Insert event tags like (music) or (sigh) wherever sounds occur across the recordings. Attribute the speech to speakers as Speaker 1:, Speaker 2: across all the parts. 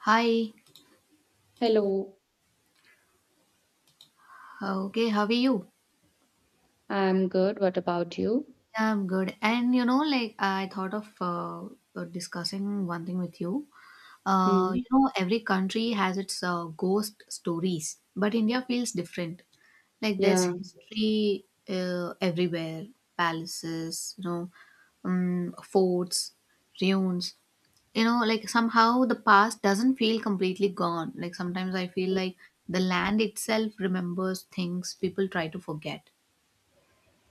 Speaker 1: Hi.
Speaker 2: Hello,
Speaker 1: Okay, how are you?
Speaker 2: I'm good. What about you?
Speaker 1: I'm good. And you know, like I thought of discussing one thing with you.
Speaker 2: Hmm.
Speaker 1: You know, every country has its ghost stories, but India feels different. Like there's
Speaker 2: Yeah,
Speaker 1: history everywhere, palaces, you know, forts, ruins. You know, like somehow the past doesn't feel completely gone. Like sometimes I feel like the land itself remembers things people try to forget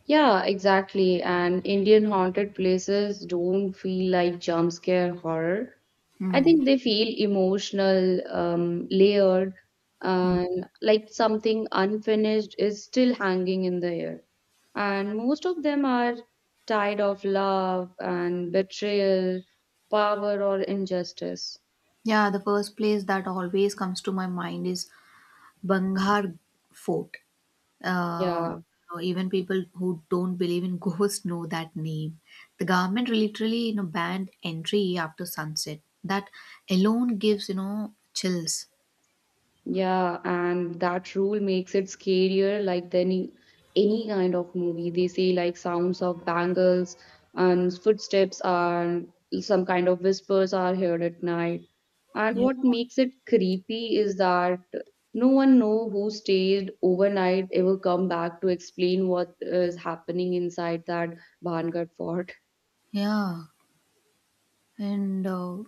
Speaker 2: yeah, exactly. And Indian haunted places don't feel like jump scare horror. I
Speaker 1: Hmm.
Speaker 2: think they feel emotional, layered,
Speaker 1: hmm.
Speaker 2: and like something unfinished is still hanging in the air. And most of them are tied of love and betrayal, power or injustice.
Speaker 1: Yeah, the first place that always comes to my mind is Banghar Fort.
Speaker 2: Yeah.
Speaker 1: You know, even people who don't believe in (laughs) ghosts know that name. The government literally, you know, banned entry after sunset. That alone gives, you know, chills.
Speaker 2: Yeah, and that rule makes it scarier like than any kind of movie. They say like sounds of bangles and footsteps and some kind of whispers are heard at night. And
Speaker 1: Yeah.
Speaker 2: what makes it creepy is that no one know who stayed overnight ever come back to explain what is happening inside that Bhangat fort.
Speaker 1: Yeah. And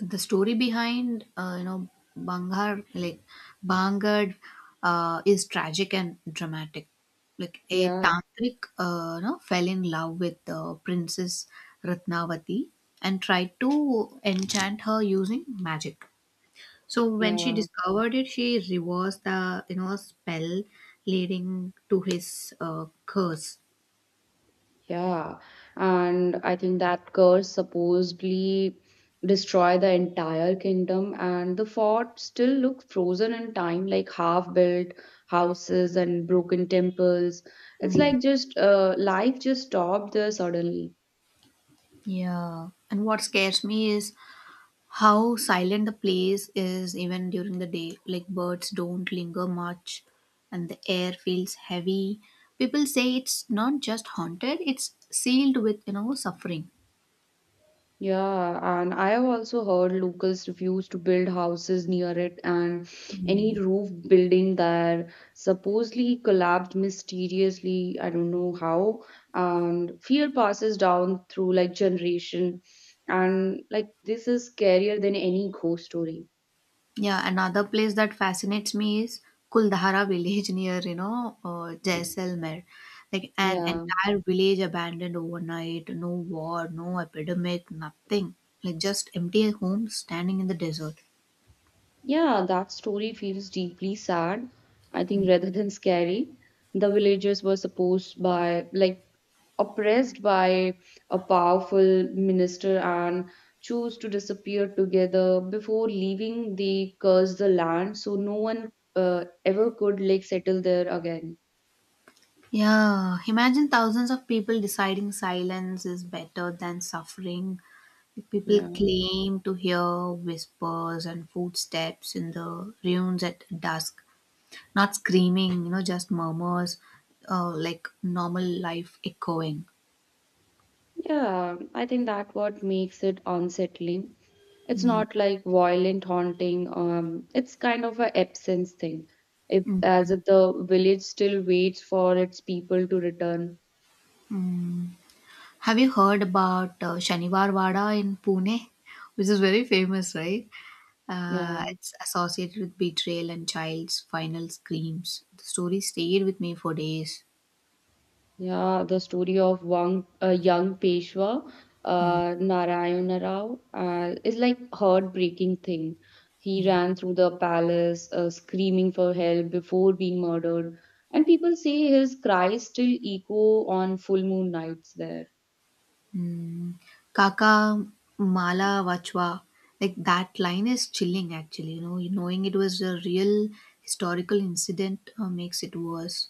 Speaker 1: the story behind you know Bangar like Bangad is tragic and dramatic. Like a
Speaker 2: Yeah,
Speaker 1: tantric you know, fell in love with Princess Ratnavati and tried to enchant her using magic. So when she
Speaker 2: yeah.
Speaker 1: discovered it, she reversed the you know spell, leading to his curse.
Speaker 2: Yeah, and I think that curse supposedly destroyed the entire kingdom, and the fort still looks frozen in time, like half-built houses and broken temples. It's like just life just stopped there suddenly.
Speaker 1: Yeah, and what scares me is how silent the place is even during the day, like birds don't linger much and the air feels heavy. People say it's not just haunted, it's sealed with you know suffering.
Speaker 2: Yeah, and I have also heard locals refuse to build houses near it, and any roof building that supposedly collapsed mysteriously, I don't know how, and fear passes down through like generation, and like this is scarier than any ghost story.
Speaker 1: Yeah, another place that fascinates me is Kuldhara village (laughs) near you know Jaisalmer. Like an
Speaker 2: Yeah.
Speaker 1: entire village abandoned overnight, no war, no epidemic, nothing, like just empty homes standing in the desert.
Speaker 2: Yeah, that story feels deeply sad, I think, rather than scary. The villagers were supposed by, like, oppressed by a powerful minister and chose to disappear together. Before leaving, they cursed the land, so no one ever could, like, settle there again.
Speaker 1: Yeah, imagine thousands of people deciding silence is better than suffering. People
Speaker 2: Yeah.
Speaker 1: claim to hear whispers and footsteps in the ruins at dusk, not screaming, you know, just murmurs, like normal life echoing.
Speaker 2: Yeah, I think that what makes it unsettling. It's
Speaker 1: Mm,
Speaker 2: not like violent haunting. It's kind of a absence thing. If
Speaker 1: mm.
Speaker 2: as if the village still waits for its people to return.
Speaker 1: Have you heard about Shaniwar Wada in Pune, which is very famous, right?
Speaker 2: Yeah.
Speaker 1: It's associated with betrayal and child's final screams. The story stayed with me for days.
Speaker 2: Yeah, the story of one a young Peshwa,
Speaker 1: Mm.
Speaker 2: Narayana Rao, is like heartbreaking thing. He ran through the palace, screaming for help before being murdered, and people say his cries still echo on full moon nights there.
Speaker 1: Kaka Mala Vachwa. Like that line is chilling actually, you know, knowing it was a real historical incident makes it worse.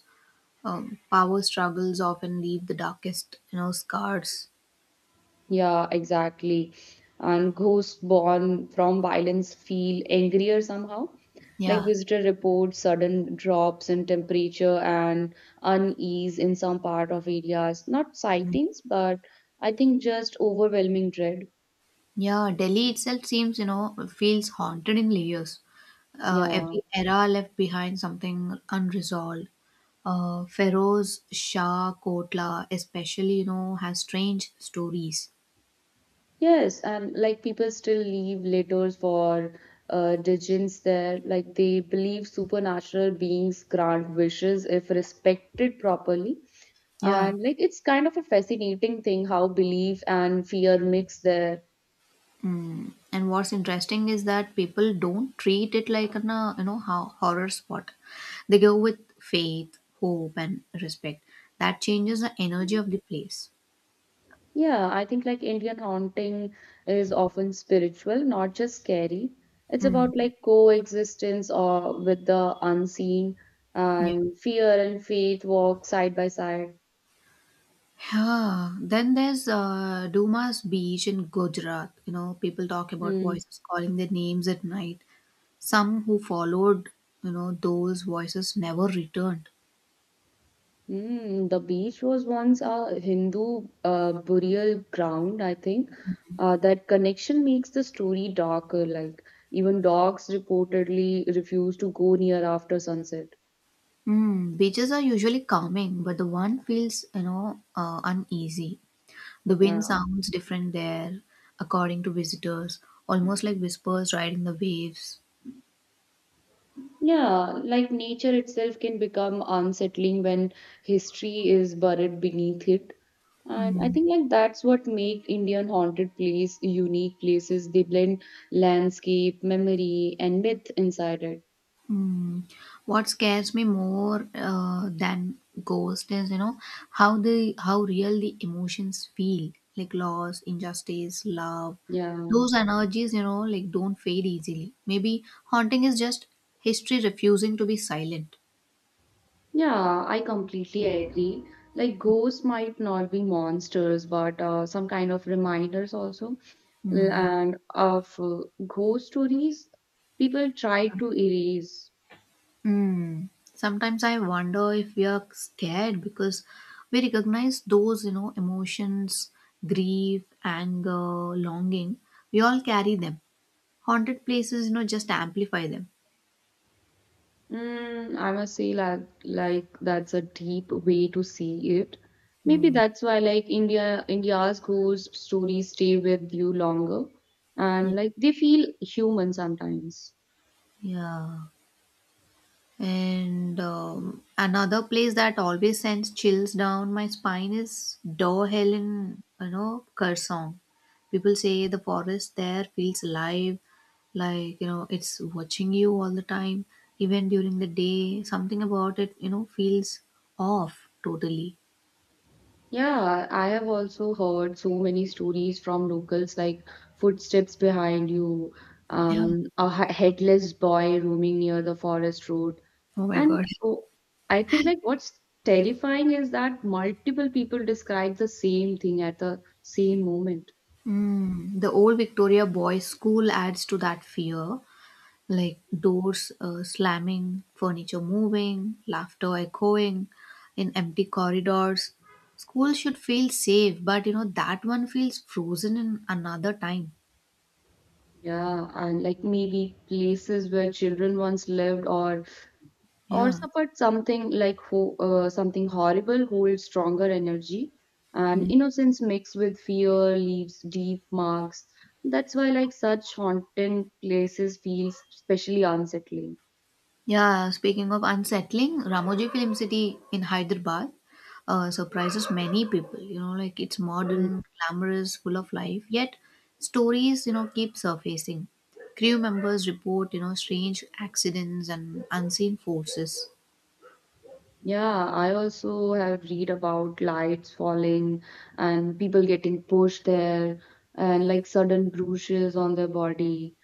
Speaker 1: Power struggles often leave the darkest, you know, scars.
Speaker 2: Yeah, exactly. And ghosts born from violence feel angrier somehow. Like
Speaker 1: Yeah.
Speaker 2: visitor reports sudden drops in temperature and unease in some part of areas. Not sightings, but I think just overwhelming dread.
Speaker 1: Yeah. Delhi itself seems, you know, feels haunted in layers.
Speaker 2: Yeah.
Speaker 1: Every era left behind something unresolved. Feroz Shah Kotla, especially, you know, has strange stories.
Speaker 2: Yes, and like people still leave letters for Dijins there. Like they believe supernatural beings grant wishes if respected properly.
Speaker 1: Yeah.
Speaker 2: And like it's kind of a fascinating thing how belief and fear mix there.
Speaker 1: Mm. And what's interesting is that people don't treat it like an you know horror spot. They go with faith, hope, and respect. That changes the energy of the place.
Speaker 2: Yeah, I think like Indian haunting is often spiritual, not just scary. It's
Speaker 1: Mm.
Speaker 2: about like coexistence or with the unseen,
Speaker 1: Yeah.
Speaker 2: and fear and faith walk side by side.
Speaker 1: Yeah. Then there's Dumas Beach in Gujarat. You know, people talk about
Speaker 2: Hmm.
Speaker 1: voices calling their names at night. Some who followed, you know, those voices never returned.
Speaker 2: The beach was once a Hindu burial ground, I think. That connection makes the story darker. Like, even dogs reportedly refuse to go near after sunset.
Speaker 1: Mm. Beaches are usually calming, but the one feels, you know, uneasy. The wind
Speaker 2: Yeah.
Speaker 1: sounds different there, according to visitors, almost like whispers riding the waves.
Speaker 2: Yeah, like nature itself can become unsettling when history is buried beneath it. And I
Speaker 1: Mm,
Speaker 2: think like that's what make Indian haunted place unique places. They blend landscape, memory, and myth inside it.
Speaker 1: mm. What scares me more than ghosts is, you know, how the how real the emotions feel, like loss, injustice, love.
Speaker 2: Yeah.
Speaker 1: Those energies, you know, like don't fade easily. Maybe haunting is just history refusing to be silent.
Speaker 2: Yeah, I completely agree. Like ghosts might not be monsters, but some kind of reminders also.
Speaker 1: Mm.
Speaker 2: And of ghost stories, people try to erase.
Speaker 1: Mm. Sometimes I wonder if we are scared because we recognize those, you know, emotions, grief, anger, longing. We all carry them. Haunted places, you know, just amplify them.
Speaker 2: I must say, like, that's a deep way to see it. Maybe
Speaker 1: Mm.
Speaker 2: that's why, like India's ghost stories stay with you longer,
Speaker 1: Yeah.
Speaker 2: and like they feel human sometimes.
Speaker 1: Yeah. And another place that always sends chills down my spine is Door Hill in, you know, Kursong. People say the forest there feels alive, like, you know, it's watching you all the time, even during the day. Something about it, you know, feels off totally.
Speaker 2: Yeah, I have also heard so many stories from locals like footsteps behind you,
Speaker 1: Yeah.
Speaker 2: a headless boy roaming near the forest road.
Speaker 1: Oh my
Speaker 2: And
Speaker 1: God.
Speaker 2: oh, I think like what's terrifying is that multiple people describe the same thing at the same moment.
Speaker 1: Mm, the old Victoria Boys School adds to that fear. Like doors slamming, furniture moving, laughter echoing in empty corridors. School should feel safe, but you know that one feels frozen in another time.
Speaker 2: Yeah, and like maybe places where children once lived or
Speaker 1: Yeah.
Speaker 2: suffered something like something horrible holds stronger energy and
Speaker 1: Mm.
Speaker 2: innocence mixed with fear leaves deep marks. That's why like such haunting places feels especially unsettling.
Speaker 1: Yeah, speaking of unsettling, Ramoji Film City in Hyderabad surprises many people. You know, like it's modern, glamorous, full of life, yet stories, you know, keep surfacing. Crew members report, you know, strange accidents and unseen forces.
Speaker 2: Yeah, I also have read about lights falling and people getting pushed there and like sudden bruises on their body.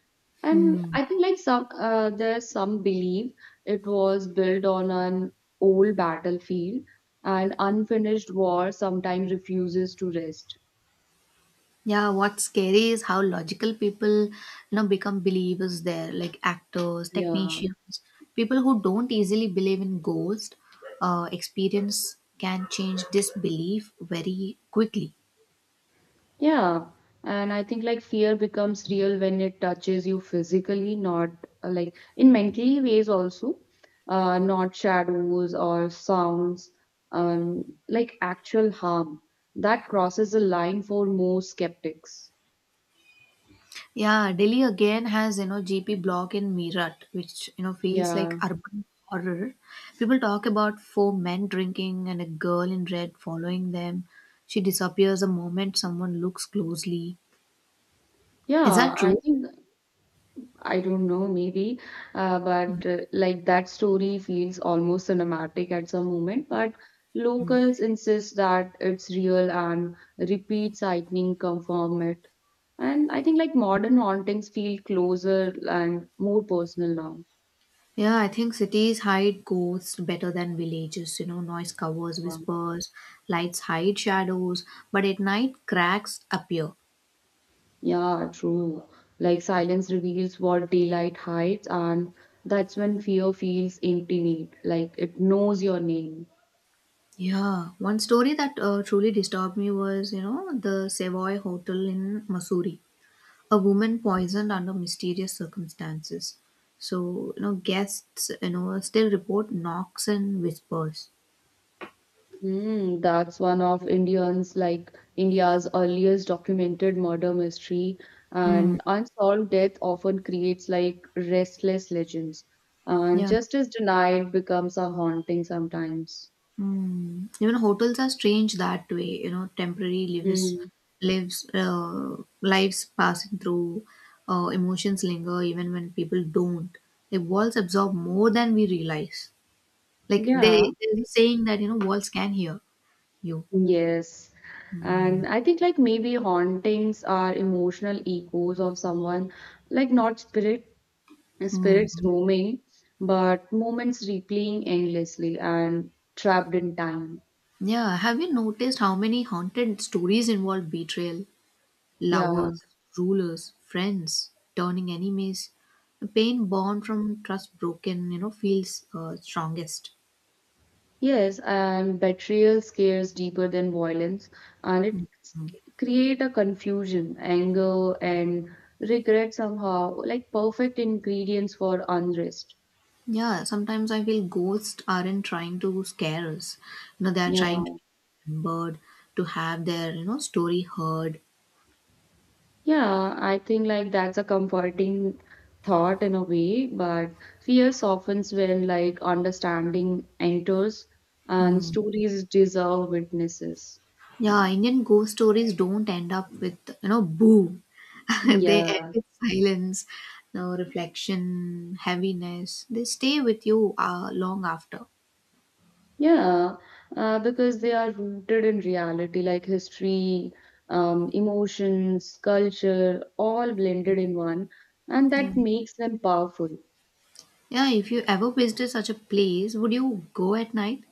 Speaker 2: And
Speaker 1: Mm.
Speaker 2: I think like some there's some belief it was built on an old battlefield and unfinished war sometimes refuses to rest.
Speaker 1: Yeah, what's scary is how logical people, you know, become believers there, like actors,
Speaker 2: Yeah.
Speaker 1: technicians, people who don't easily believe in ghosts. Experience can change this belief very quickly.
Speaker 2: Yeah, and I think like fear becomes real when it touches you physically, not like in mentally ways also, not shadows or sounds, like actual harm. That crosses a line for most skeptics.
Speaker 1: Yeah, Delhi again has you know GP block in Meerut, which you know feels like
Speaker 2: Yeah,
Speaker 1: urban horror. People talk about four men drinking and a girl in red following them. She disappears the moment someone looks closely. Is
Speaker 2: yeah,
Speaker 1: that
Speaker 2: I
Speaker 1: true?
Speaker 2: think I don't know, maybe, but like that story feels almost cinematic at some moment. But
Speaker 1: Hmm.
Speaker 2: locals insist that it's real and repeat sightings confirm it. And I think like modern hauntings feel closer and more personal now.
Speaker 1: Yeah, I think cities hide ghosts better than villages. You know, noise covers
Speaker 2: Um,
Speaker 1: whispers, lights hide shadows, but at night cracks appear.
Speaker 2: Yeah, true. Like silence reveals what daylight hides, and that's when fear feels intimate, like it knows your name.
Speaker 1: Yeah, one story that truly disturbed me was, you know, the Savoy Hotel in Missouri. A woman poisoned under mysterious circumstances. So, you know, guests, you know, still report knocks and whispers.
Speaker 2: That's one of Indians like India's earliest documented murder mystery,
Speaker 1: Mm.
Speaker 2: and unsolved death often creates like restless legends, and
Speaker 1: Yeah.
Speaker 2: justice denied becomes a haunting sometimes.
Speaker 1: Mm. Even hotels are strange that way, you know, temporary
Speaker 2: Mm,
Speaker 1: lives, uh, lives passing through, emotions linger even when people don't. Like walls absorb more than we realize. Like
Speaker 2: yeah,
Speaker 1: they, there's a saying that, you know, walls can hear you.
Speaker 2: yes.
Speaker 1: Mm.
Speaker 2: And I think like maybe hauntings are emotional echoes of someone, like not spirits
Speaker 1: Mm.
Speaker 2: roaming, but moments replaying endlessly and trapped in time.
Speaker 1: Yeah. Have you noticed how many haunted stories involve betrayal?
Speaker 2: Yeah.
Speaker 1: Lovers, rulers, friends, turning enemies. The pain born from trust broken, you know, feels strongest.
Speaker 2: Yes, and betrayal scares deeper than violence, and it create a confusion, anger, and regret somehow, like perfect ingredients for unrest.
Speaker 1: Yeah, sometimes I feel ghosts aren't trying to scare us. You know, they are
Speaker 2: Yeah,
Speaker 1: trying to be remembered, to have their, you know, story heard.
Speaker 2: yeah, I think like that's a comforting thought in a way, but fear softens when like understanding enters, and
Speaker 1: Hmm.
Speaker 2: stories deserve witnesses.
Speaker 1: Yeah, Indian ghost stories don't end up with, you know, boo. (laughs) They end
Speaker 2: Yeah.
Speaker 1: with silence, no reflection, heaviness. They stay with you long after.
Speaker 2: Yeah, because they are rooted in reality, like history, emotions, culture, all blended in one, and
Speaker 1: Yeah.
Speaker 2: that makes them powerful.
Speaker 1: Yeah, if you ever visited such a place, would you go at night,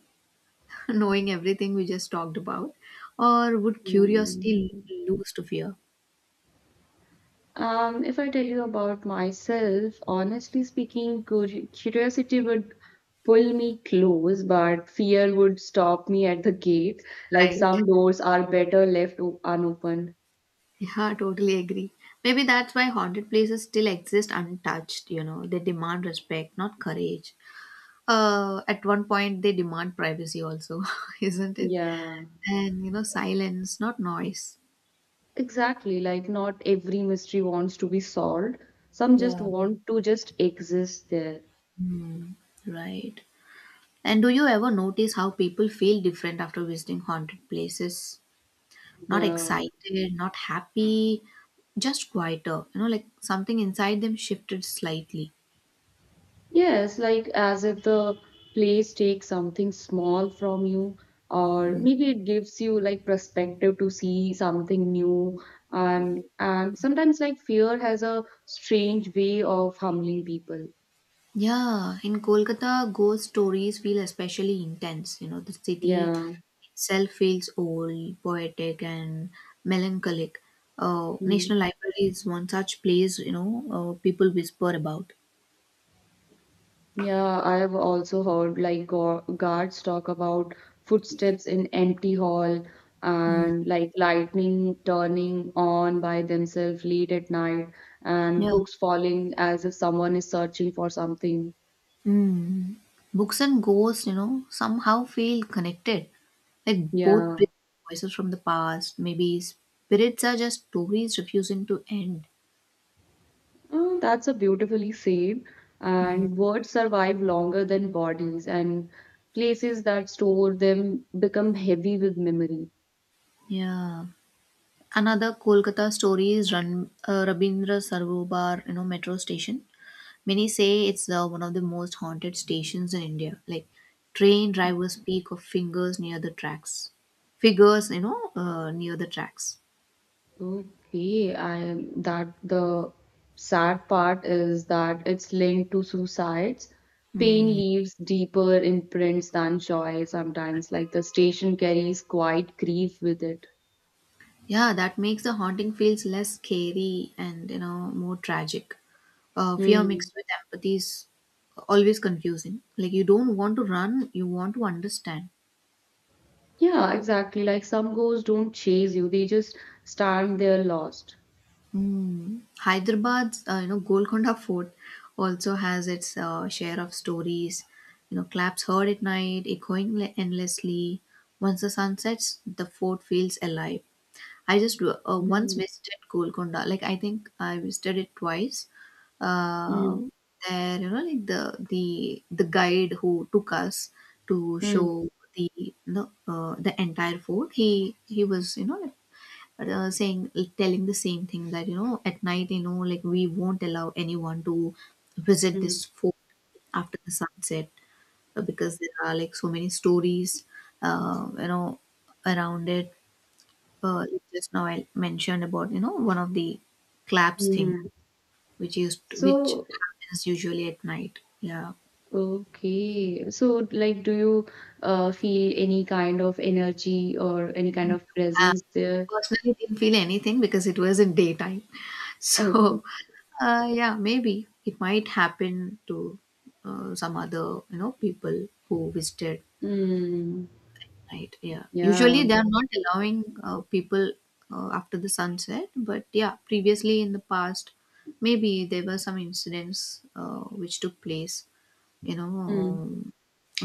Speaker 1: (laughs) knowing everything we just talked about? Or would
Speaker 2: Um,
Speaker 1: curiosity lose to fear?
Speaker 2: if I tell you about myself, honestly speaking, curiosity would pull me close, but fear would stop me at the gate. Like
Speaker 1: Right.
Speaker 2: some doors are better left unopened.
Speaker 1: Yeah, totally agree. Maybe that's why haunted places still exist untouched, you know. They demand respect, not courage. At one point, they demand privacy also, (laughs) isn't it?
Speaker 2: Yeah.
Speaker 1: And, you know, silence, not noise.
Speaker 2: Exactly, like not every mystery wants to be solved. Some just
Speaker 1: Yeah.
Speaker 2: want to just exist there.
Speaker 1: Hmm, right. And do you ever notice how people feel different after visiting haunted places? Not
Speaker 2: Yeah.
Speaker 1: excited, not happy, just quieter. You know, like something inside them shifted slightly.
Speaker 2: Yes, like as if the place takes something small from you, or maybe it gives you like perspective to see something new. And sometimes like fear has a strange way of humbling people.
Speaker 1: Yeah, in Kolkata, ghost stories feel especially intense. You know, the city
Speaker 2: Yeah.
Speaker 1: itself feels old, poetic, and melancholic.
Speaker 2: Hmm.
Speaker 1: National Library is one such place, you know, people whisper about.
Speaker 2: Yeah, I have also heard like go guards talk about footsteps in empty hall
Speaker 1: Mm.
Speaker 2: and like lightning turning on by themselves late at night and
Speaker 1: Yeah.
Speaker 2: books falling as if someone is searching for something.
Speaker 1: Hmm. Books and ghosts, you know, somehow feel connected. Like both
Speaker 2: Yeah,
Speaker 1: bring voices from the past. Maybe spirits are just stories refusing to end.
Speaker 2: That's a beautifully said. And words survive longer than bodies, and places that store them become heavy with memory.
Speaker 1: Yeah. Another Kolkata story is Rabindra Sarovar, you know, metro station. Many say it's the, one of the most haunted stations in India. Like train drivers speak of fingers near the tracks. Figures, you know, near the tracks.
Speaker 2: Okay, I that the sad part is that it's linked to suicides. Pain
Speaker 1: Hmm.
Speaker 2: leaves deeper imprints than joy sometimes, like the station carries quite grief with it.
Speaker 1: Yeah, that makes the haunting feels less scary and you know more tragic. Fear
Speaker 2: Hmm.
Speaker 1: mixed with empathy is always confusing. Like you don't want to run, you want to understand.
Speaker 2: Yeah, exactly. Like some ghosts don't chase you, they just stand there lost.
Speaker 1: Hmm. Hyderabad's you know Golconda (laughs) Fort also has its share of stories. You know, claps heard at night, echoing endlessly. Once the sun sets, the fort feels alive. I just once
Speaker 2: Mm,
Speaker 1: visited Golconda. Like I think I visited it twice. Uh,
Speaker 2: mm,
Speaker 1: there, you know, like the guide who took us to
Speaker 2: mm,
Speaker 1: show the the entire fort. He was you know like, saying telling the same thing that you know at night you know like we won't allow anyone to visit this
Speaker 2: mm,
Speaker 1: fort after the sunset because there are like so many stories you know around it, like just now I mentioned about you know one of the claps thing
Speaker 2: mhm.
Speaker 1: which used which
Speaker 2: So,
Speaker 1: happens usually at night. Yeah,
Speaker 2: okay. So, like, do you feel any kind of energy or any kind of
Speaker 1: uh,
Speaker 2: presence there?
Speaker 1: personally didn't feel anything because it was in daytime. (laughs)
Speaker 2: Okay.
Speaker 1: So yeah, maybe it might happen to some other you know people who visited
Speaker 2: Hmm.
Speaker 1: night. Yeah,
Speaker 2: Yeah.
Speaker 1: usually they are not allowing people after the sunset, but yeah, previously in the past maybe there were some incidents which took place you know,
Speaker 2: Hmm.
Speaker 1: um,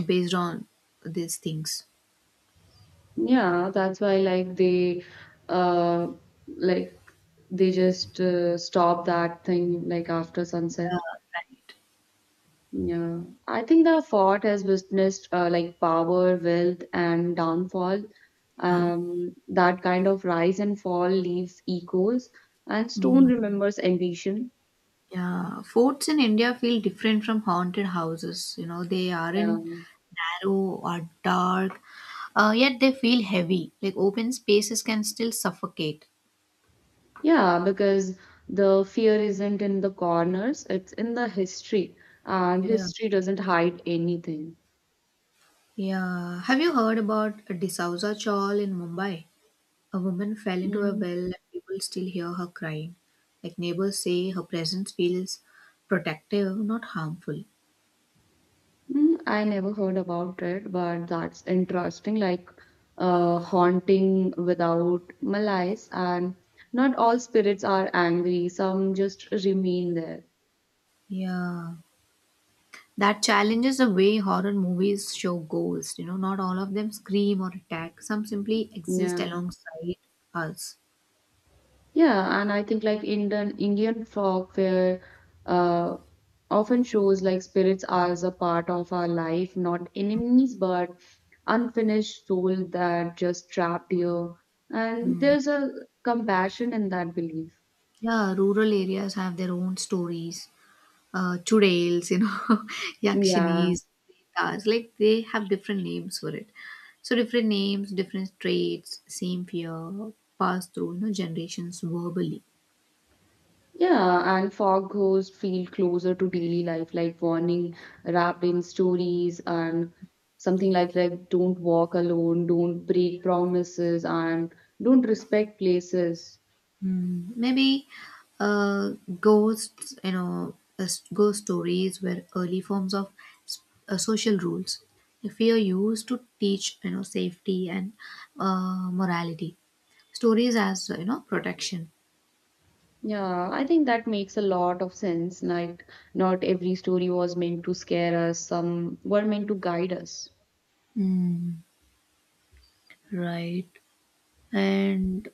Speaker 1: based on these things.
Speaker 2: Yeah. That's why, like, uh, like, they just stop that thing, like, after
Speaker 1: Yeah,
Speaker 2: sunset.
Speaker 1: right.
Speaker 2: Yeah, I think the fort has witnessed like power, wealth, and downfall.
Speaker 1: Yeah.
Speaker 2: That kind of rise and fall leaves echoes, and stone
Speaker 1: Mm,
Speaker 2: remembers ambition.
Speaker 1: yeah. Forts in India feel different from haunted houses. You know, they
Speaker 2: Yeah,
Speaker 1: aren't narrow or dark, yet they feel heavy. Like open spaces can still suffocate.
Speaker 2: yeah, because the fear isn't in the corners; it's in the history, and
Speaker 1: Yeah.
Speaker 2: history doesn't hide anything.
Speaker 1: Yeah. Have you heard about Disauza Chawl in Mumbai? A woman fell into a
Speaker 2: Mm.
Speaker 1: well and people still hear her crying. Like neighbors say her presence feels protective, not harmful.
Speaker 2: I never heard about it, but that's interesting. Like haunting without malice, and not all spirits are angry. Some just remain there.
Speaker 1: Yeah, that challenges the way horror movies show ghosts. You know, not all of them scream or attack, some simply exist
Speaker 2: Yeah,
Speaker 1: alongside us.
Speaker 2: yeah, and I think like Indian folklore uh, often shows like spirits as a part of our life, not enemies, but unfinished soul that just trapped you. And there's a compassion in that belief.
Speaker 1: Yeah, rural areas have their own stories. Chudails, you know, (laughs)
Speaker 2: Yeah.
Speaker 1: yakshinis, pretas, like they have different names for it. So, different names, different traits, same fear, passed through, you know, generations verbally.
Speaker 2: Yeah, and fog ghosts feel closer to daily life, like warning wrapped in stories and something like don't walk alone, don't break promises, and don't respect places.
Speaker 1: Hmm. Maybe uh, ghosts, you know, as ghost stories were early forms of s- social rules. Fear used to teach, you know, safety and morality. Stories as, you know, protection.
Speaker 2: Yeah, I think that makes a lot of sense. Like, not every story was meant to scare us, some were meant to guide us.
Speaker 1: Mm, right. And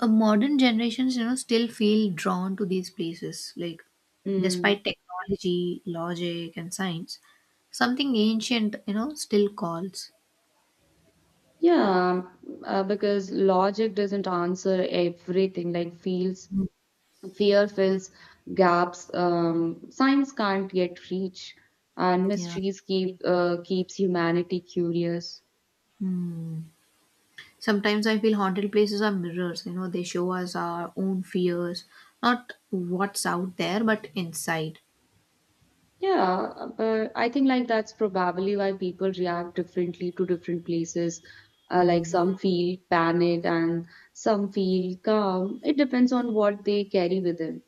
Speaker 1: modern generations, you know, still feel drawn to these places. Like,
Speaker 2: Mm.
Speaker 1: despite technology, logic, and science, something ancient, you know, still calls.
Speaker 2: Yeah, because logic doesn't answer everything, like feels
Speaker 1: Mm.
Speaker 2: Fear fills gaps science can't yet reach, and
Speaker 1: Yeah.
Speaker 2: mysteries keeps humanity curious.
Speaker 1: Hmm. Sometimes I feel haunted places are mirrors, you know, they show us our own fears, not what's out there, but inside.
Speaker 2: Yeah, but I think like that's probably why people react differently to different places. Like some feel panic and some feel calm. It depends on what they carry within.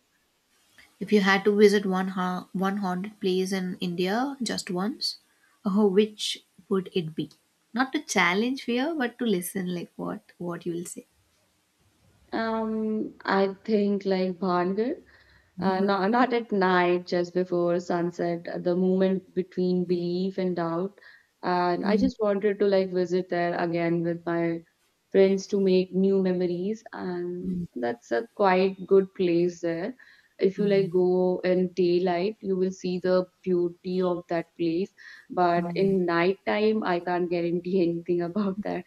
Speaker 1: If you had to visit one haunted place in India just once, oh, which would it be? Not to challenge fear, but to listen, like what you will say.
Speaker 2: I think like Bhangar,
Speaker 1: Mhm.
Speaker 2: not at night, just before sunset, the moment between belief and doubt. And I
Speaker 1: Mm.
Speaker 2: just wanted to like visit there again with my friends to make new memories, and that's a quite good place there. If you like
Speaker 1: Mm.
Speaker 2: go in daylight, you will see the beauty of that place. But in nighttime, I can't guarantee (laughs) anything about that.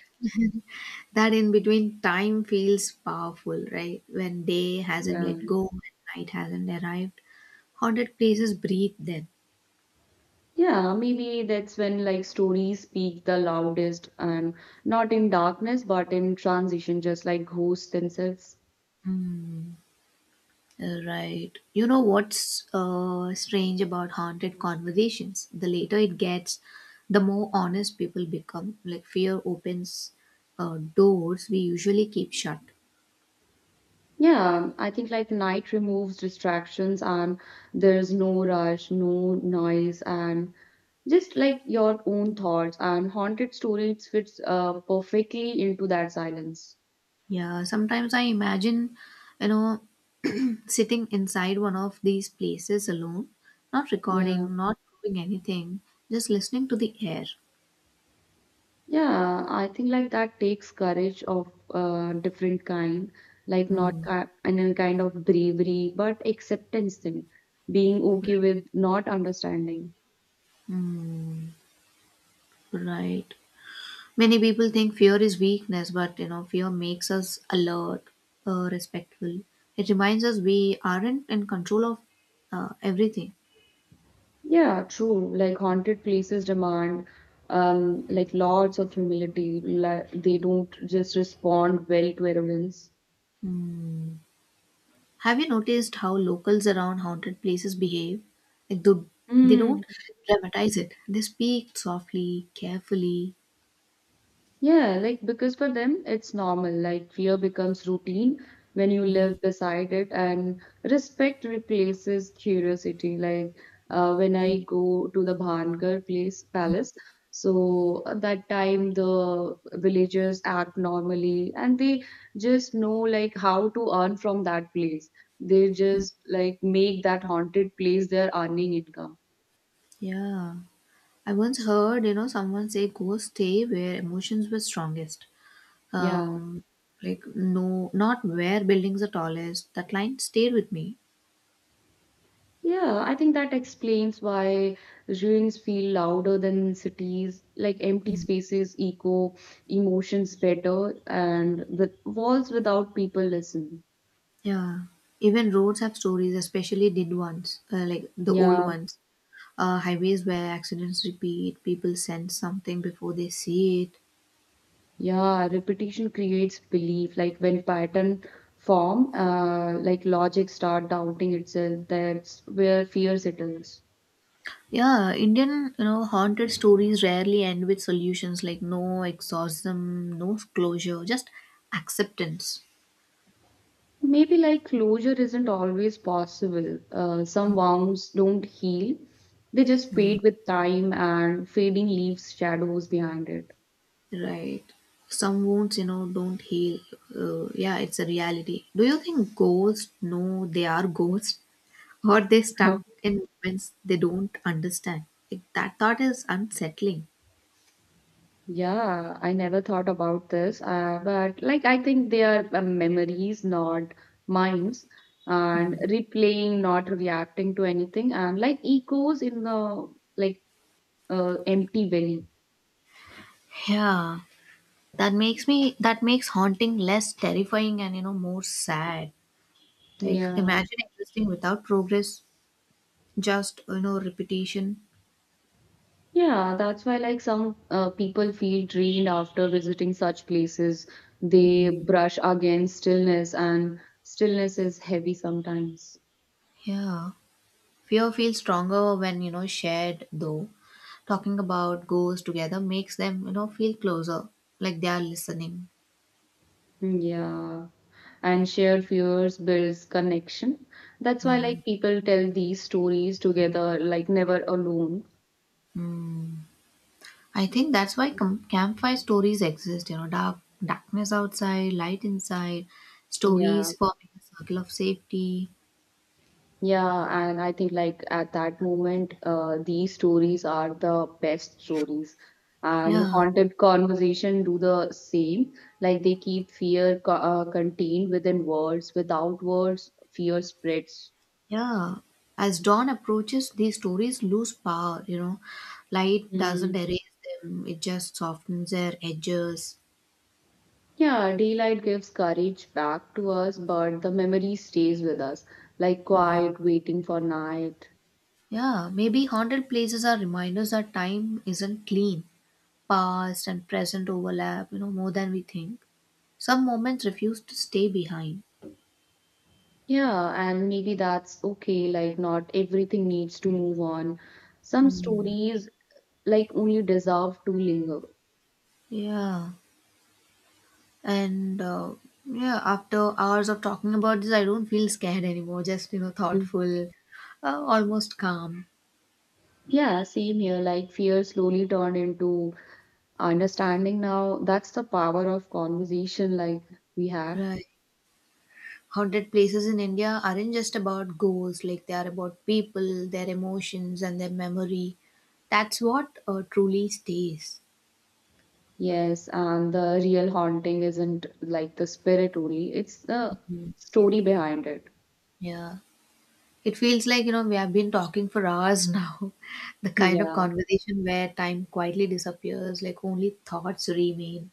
Speaker 1: That in between time feels powerful, right? When day hasn't
Speaker 2: Yeah.
Speaker 1: let go, when night hasn't arrived, haunted places breathe then.
Speaker 2: Yeah, maybe that's when like stories speak the loudest and not in darkness but in transition, just like ghosts themselves.
Speaker 1: Right. You know what's strange about haunted conversations? The later it gets, the more honest people become. Like fear opens doors we usually keep shut.
Speaker 2: Yeah, I think like night removes distractions and there's no rush, no noise, and just like your own thoughts and haunted stories fits perfectly into that silence.
Speaker 1: Yeah, sometimes I imagine, you know, sitting inside one of these places alone, not
Speaker 2: Yeah.
Speaker 1: recording, not doing anything, just listening to the air.
Speaker 2: Yeah, I think like that takes courage of different kind, like not
Speaker 1: Hmm.
Speaker 2: and a kind of bravery, but acceptance thing, being okay with not understanding.
Speaker 1: Hmm. Right. Many people think fear is weakness, but you know, fear makes us alert, respectful. It reminds us we aren't in control of everything.
Speaker 2: Yeah, true. Like haunted places demand like lots of humility. Like they don't just respond well to arrogance.
Speaker 1: Hmm. Have you noticed how locals around haunted places behave? Like, they don't dramatize it. They speak softly, carefully.
Speaker 2: Yeah, like because for them it's normal. Like fear becomes routine when you live beside it, and respect replaces curiosity. Like when I go to the Bhangar place palace, so at that time the villagers act normally, and they just know like how to earn from that place. They just like make that haunted place their earning income.
Speaker 1: Yeah. I once heard, you know, someone say ghosts stay where emotions were strongest.
Speaker 2: Yeah.
Speaker 1: Um, like no, not where buildings are tallest. That line stayed with me.
Speaker 2: Yeah, I think that explains why ruins feel louder than cities, like empty spaces echo emotions better, and the walls without people listen.
Speaker 1: Yeah, even roads have stories, especially did ones, like the old
Speaker 2: Yeah,
Speaker 1: ones. Highways where accidents repeat, people sense something before they see it.
Speaker 2: yeah, repetition creates belief. Like when pattern form, like logic start doubting itself, that's where fear settles.
Speaker 1: Yeah, Indian, you know, haunted stories rarely end with solutions like no exorcism, no closure, just acceptance.
Speaker 2: Maybe like closure isn't always possible. Some wounds don't heal, they just fade with time and fading leaves shadows behind it.
Speaker 1: Right. Some wounds, you know, don't heal. Yeah, it's a reality. Do you think ghosts know they are ghosts, or they stuck
Speaker 2: (laughs)
Speaker 1: in moments they don't understand? Like, that thought is unsettling.
Speaker 2: Yeah, I never thought about this, but like I think they are memories, not minds, and replaying, not reacting to anything, and like echoes in the like empty valley.
Speaker 1: Yeah, that makes haunting less terrifying and you know more sad. Like
Speaker 2: Yeah.
Speaker 1: imagine existing without progress, just you know repetition.
Speaker 2: Yeah, that's why like some people feel drained after visiting such places. They
Speaker 1: Hmm.
Speaker 2: brush against stillness, and stillness is heavy sometimes.
Speaker 1: Yeah, fear feels stronger when you know shared though. Talking about ghosts together makes them you know feel closer, like they are listening.
Speaker 2: Mm, yeah, and shared fears builds connection. That's why
Speaker 1: Hmm.
Speaker 2: like people tell these stories together, like never alone.
Speaker 1: I think that's why campfire stories exist. You know, darkness outside, light inside,
Speaker 2: Yeah.
Speaker 1: stories forming a circle of safety.
Speaker 2: Yeah, and I think like at that moment, these stories are the best stories. And
Speaker 1: Yeah,
Speaker 2: haunted conversation do the same. Like they keep fear co contained within words. Without words, fear spreads.
Speaker 1: yeah. As dawn approaches, these stories lose power. You know, light doesn't
Speaker 2: Mm.
Speaker 1: erase them; it just softens their edges.
Speaker 2: Yeah, daylight gives courage back to us, but the memory stays with us, like quiet, waiting for night.
Speaker 1: Yeah, maybe haunted places are reminders that time isn't clean. Past and present overlap, you know, more than we think. Some moments refuse to stay behind.
Speaker 2: Yeah, and maybe that's okay. Like, not everything needs to move on. Some stories, like, only deserve to linger.
Speaker 1: Yeah. And Yeah, after hours of talking about this, I don't feel scared anymore. Just you know,
Speaker 2: Mm.
Speaker 1: thoughtful, almost calm.
Speaker 2: Yeah, same here. Like, fear slowly turned into understanding now. That's the power of conversation, like, we have.
Speaker 1: Right. Haunted places in India aren't just about ghosts. Like they are about people, their emotions, and their memory. That's what truly stays.
Speaker 2: Yes, and the real haunting isn't like the spirit only, it's the
Speaker 1: Mm.
Speaker 2: story behind it.
Speaker 1: Yeah. It feels like, you know, we have been talking for hours now. (laughs) The
Speaker 2: (laughs)
Speaker 1: kind of
Speaker 2: Yeah.
Speaker 1: conversation where time quietly disappears, like only thoughts remain.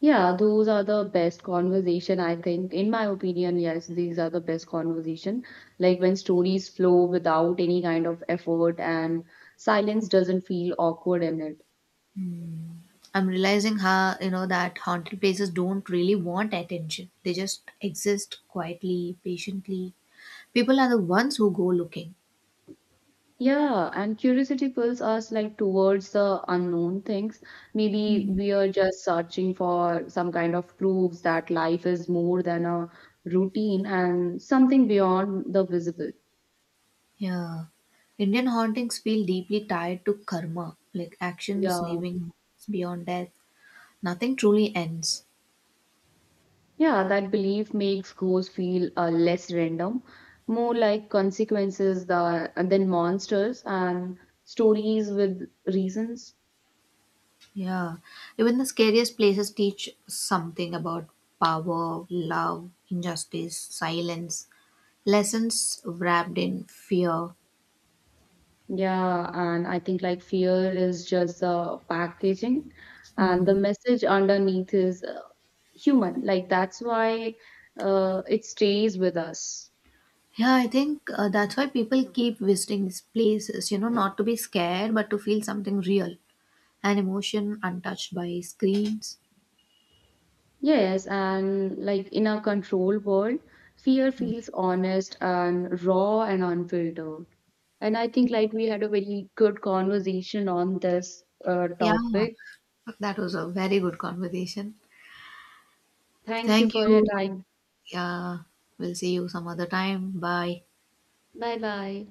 Speaker 2: Yeah, those are the best conversation, I think. In my opinion, yes, these are the best conversation. Like when stories flow without any kind of effort and silence doesn't feel awkward in it.
Speaker 1: I'm realizing how you know that haunted places don't really want attention. They just exist quietly, patiently. People are the ones who go looking.
Speaker 2: Yeah, and curiosity pulls us like towards the unknown things. Maybe
Speaker 1: Mm.
Speaker 2: we are just searching for some kind of proofs that life is more than a routine and something beyond the visible.
Speaker 1: Yeah. Indian hauntings feel deeply tied to karma, like actions
Speaker 2: Yeah.
Speaker 1: leaving beyond death. Nothing truly ends.
Speaker 2: Yeah, that belief makes goals feel less random, more like consequences than monsters and stories with reasons.
Speaker 1: Yeah. Even the scariest places teach something about power, love, injustice, silence, lessons wrapped in fear.
Speaker 2: Yeah, and I think like fear is just the packaging, and the
Speaker 1: Hmm.
Speaker 2: message underneath is human. Like that's why it stays with us.
Speaker 1: Yeah, I think that's why people keep visiting these places, you know, not to be scared, but to feel something real, an emotion untouched by screens.
Speaker 2: Yes, and like in a control world, fear feels honest and raw and unfiltered. And I think like we had a very good conversation on this
Speaker 1: Yeah,
Speaker 2: topic.
Speaker 1: that was a very good conversation.
Speaker 2: Thank you
Speaker 1: Thank
Speaker 2: for your
Speaker 1: you.
Speaker 2: time.
Speaker 1: Yeah, we'll see you some other time. Bye.
Speaker 2: Bye bye.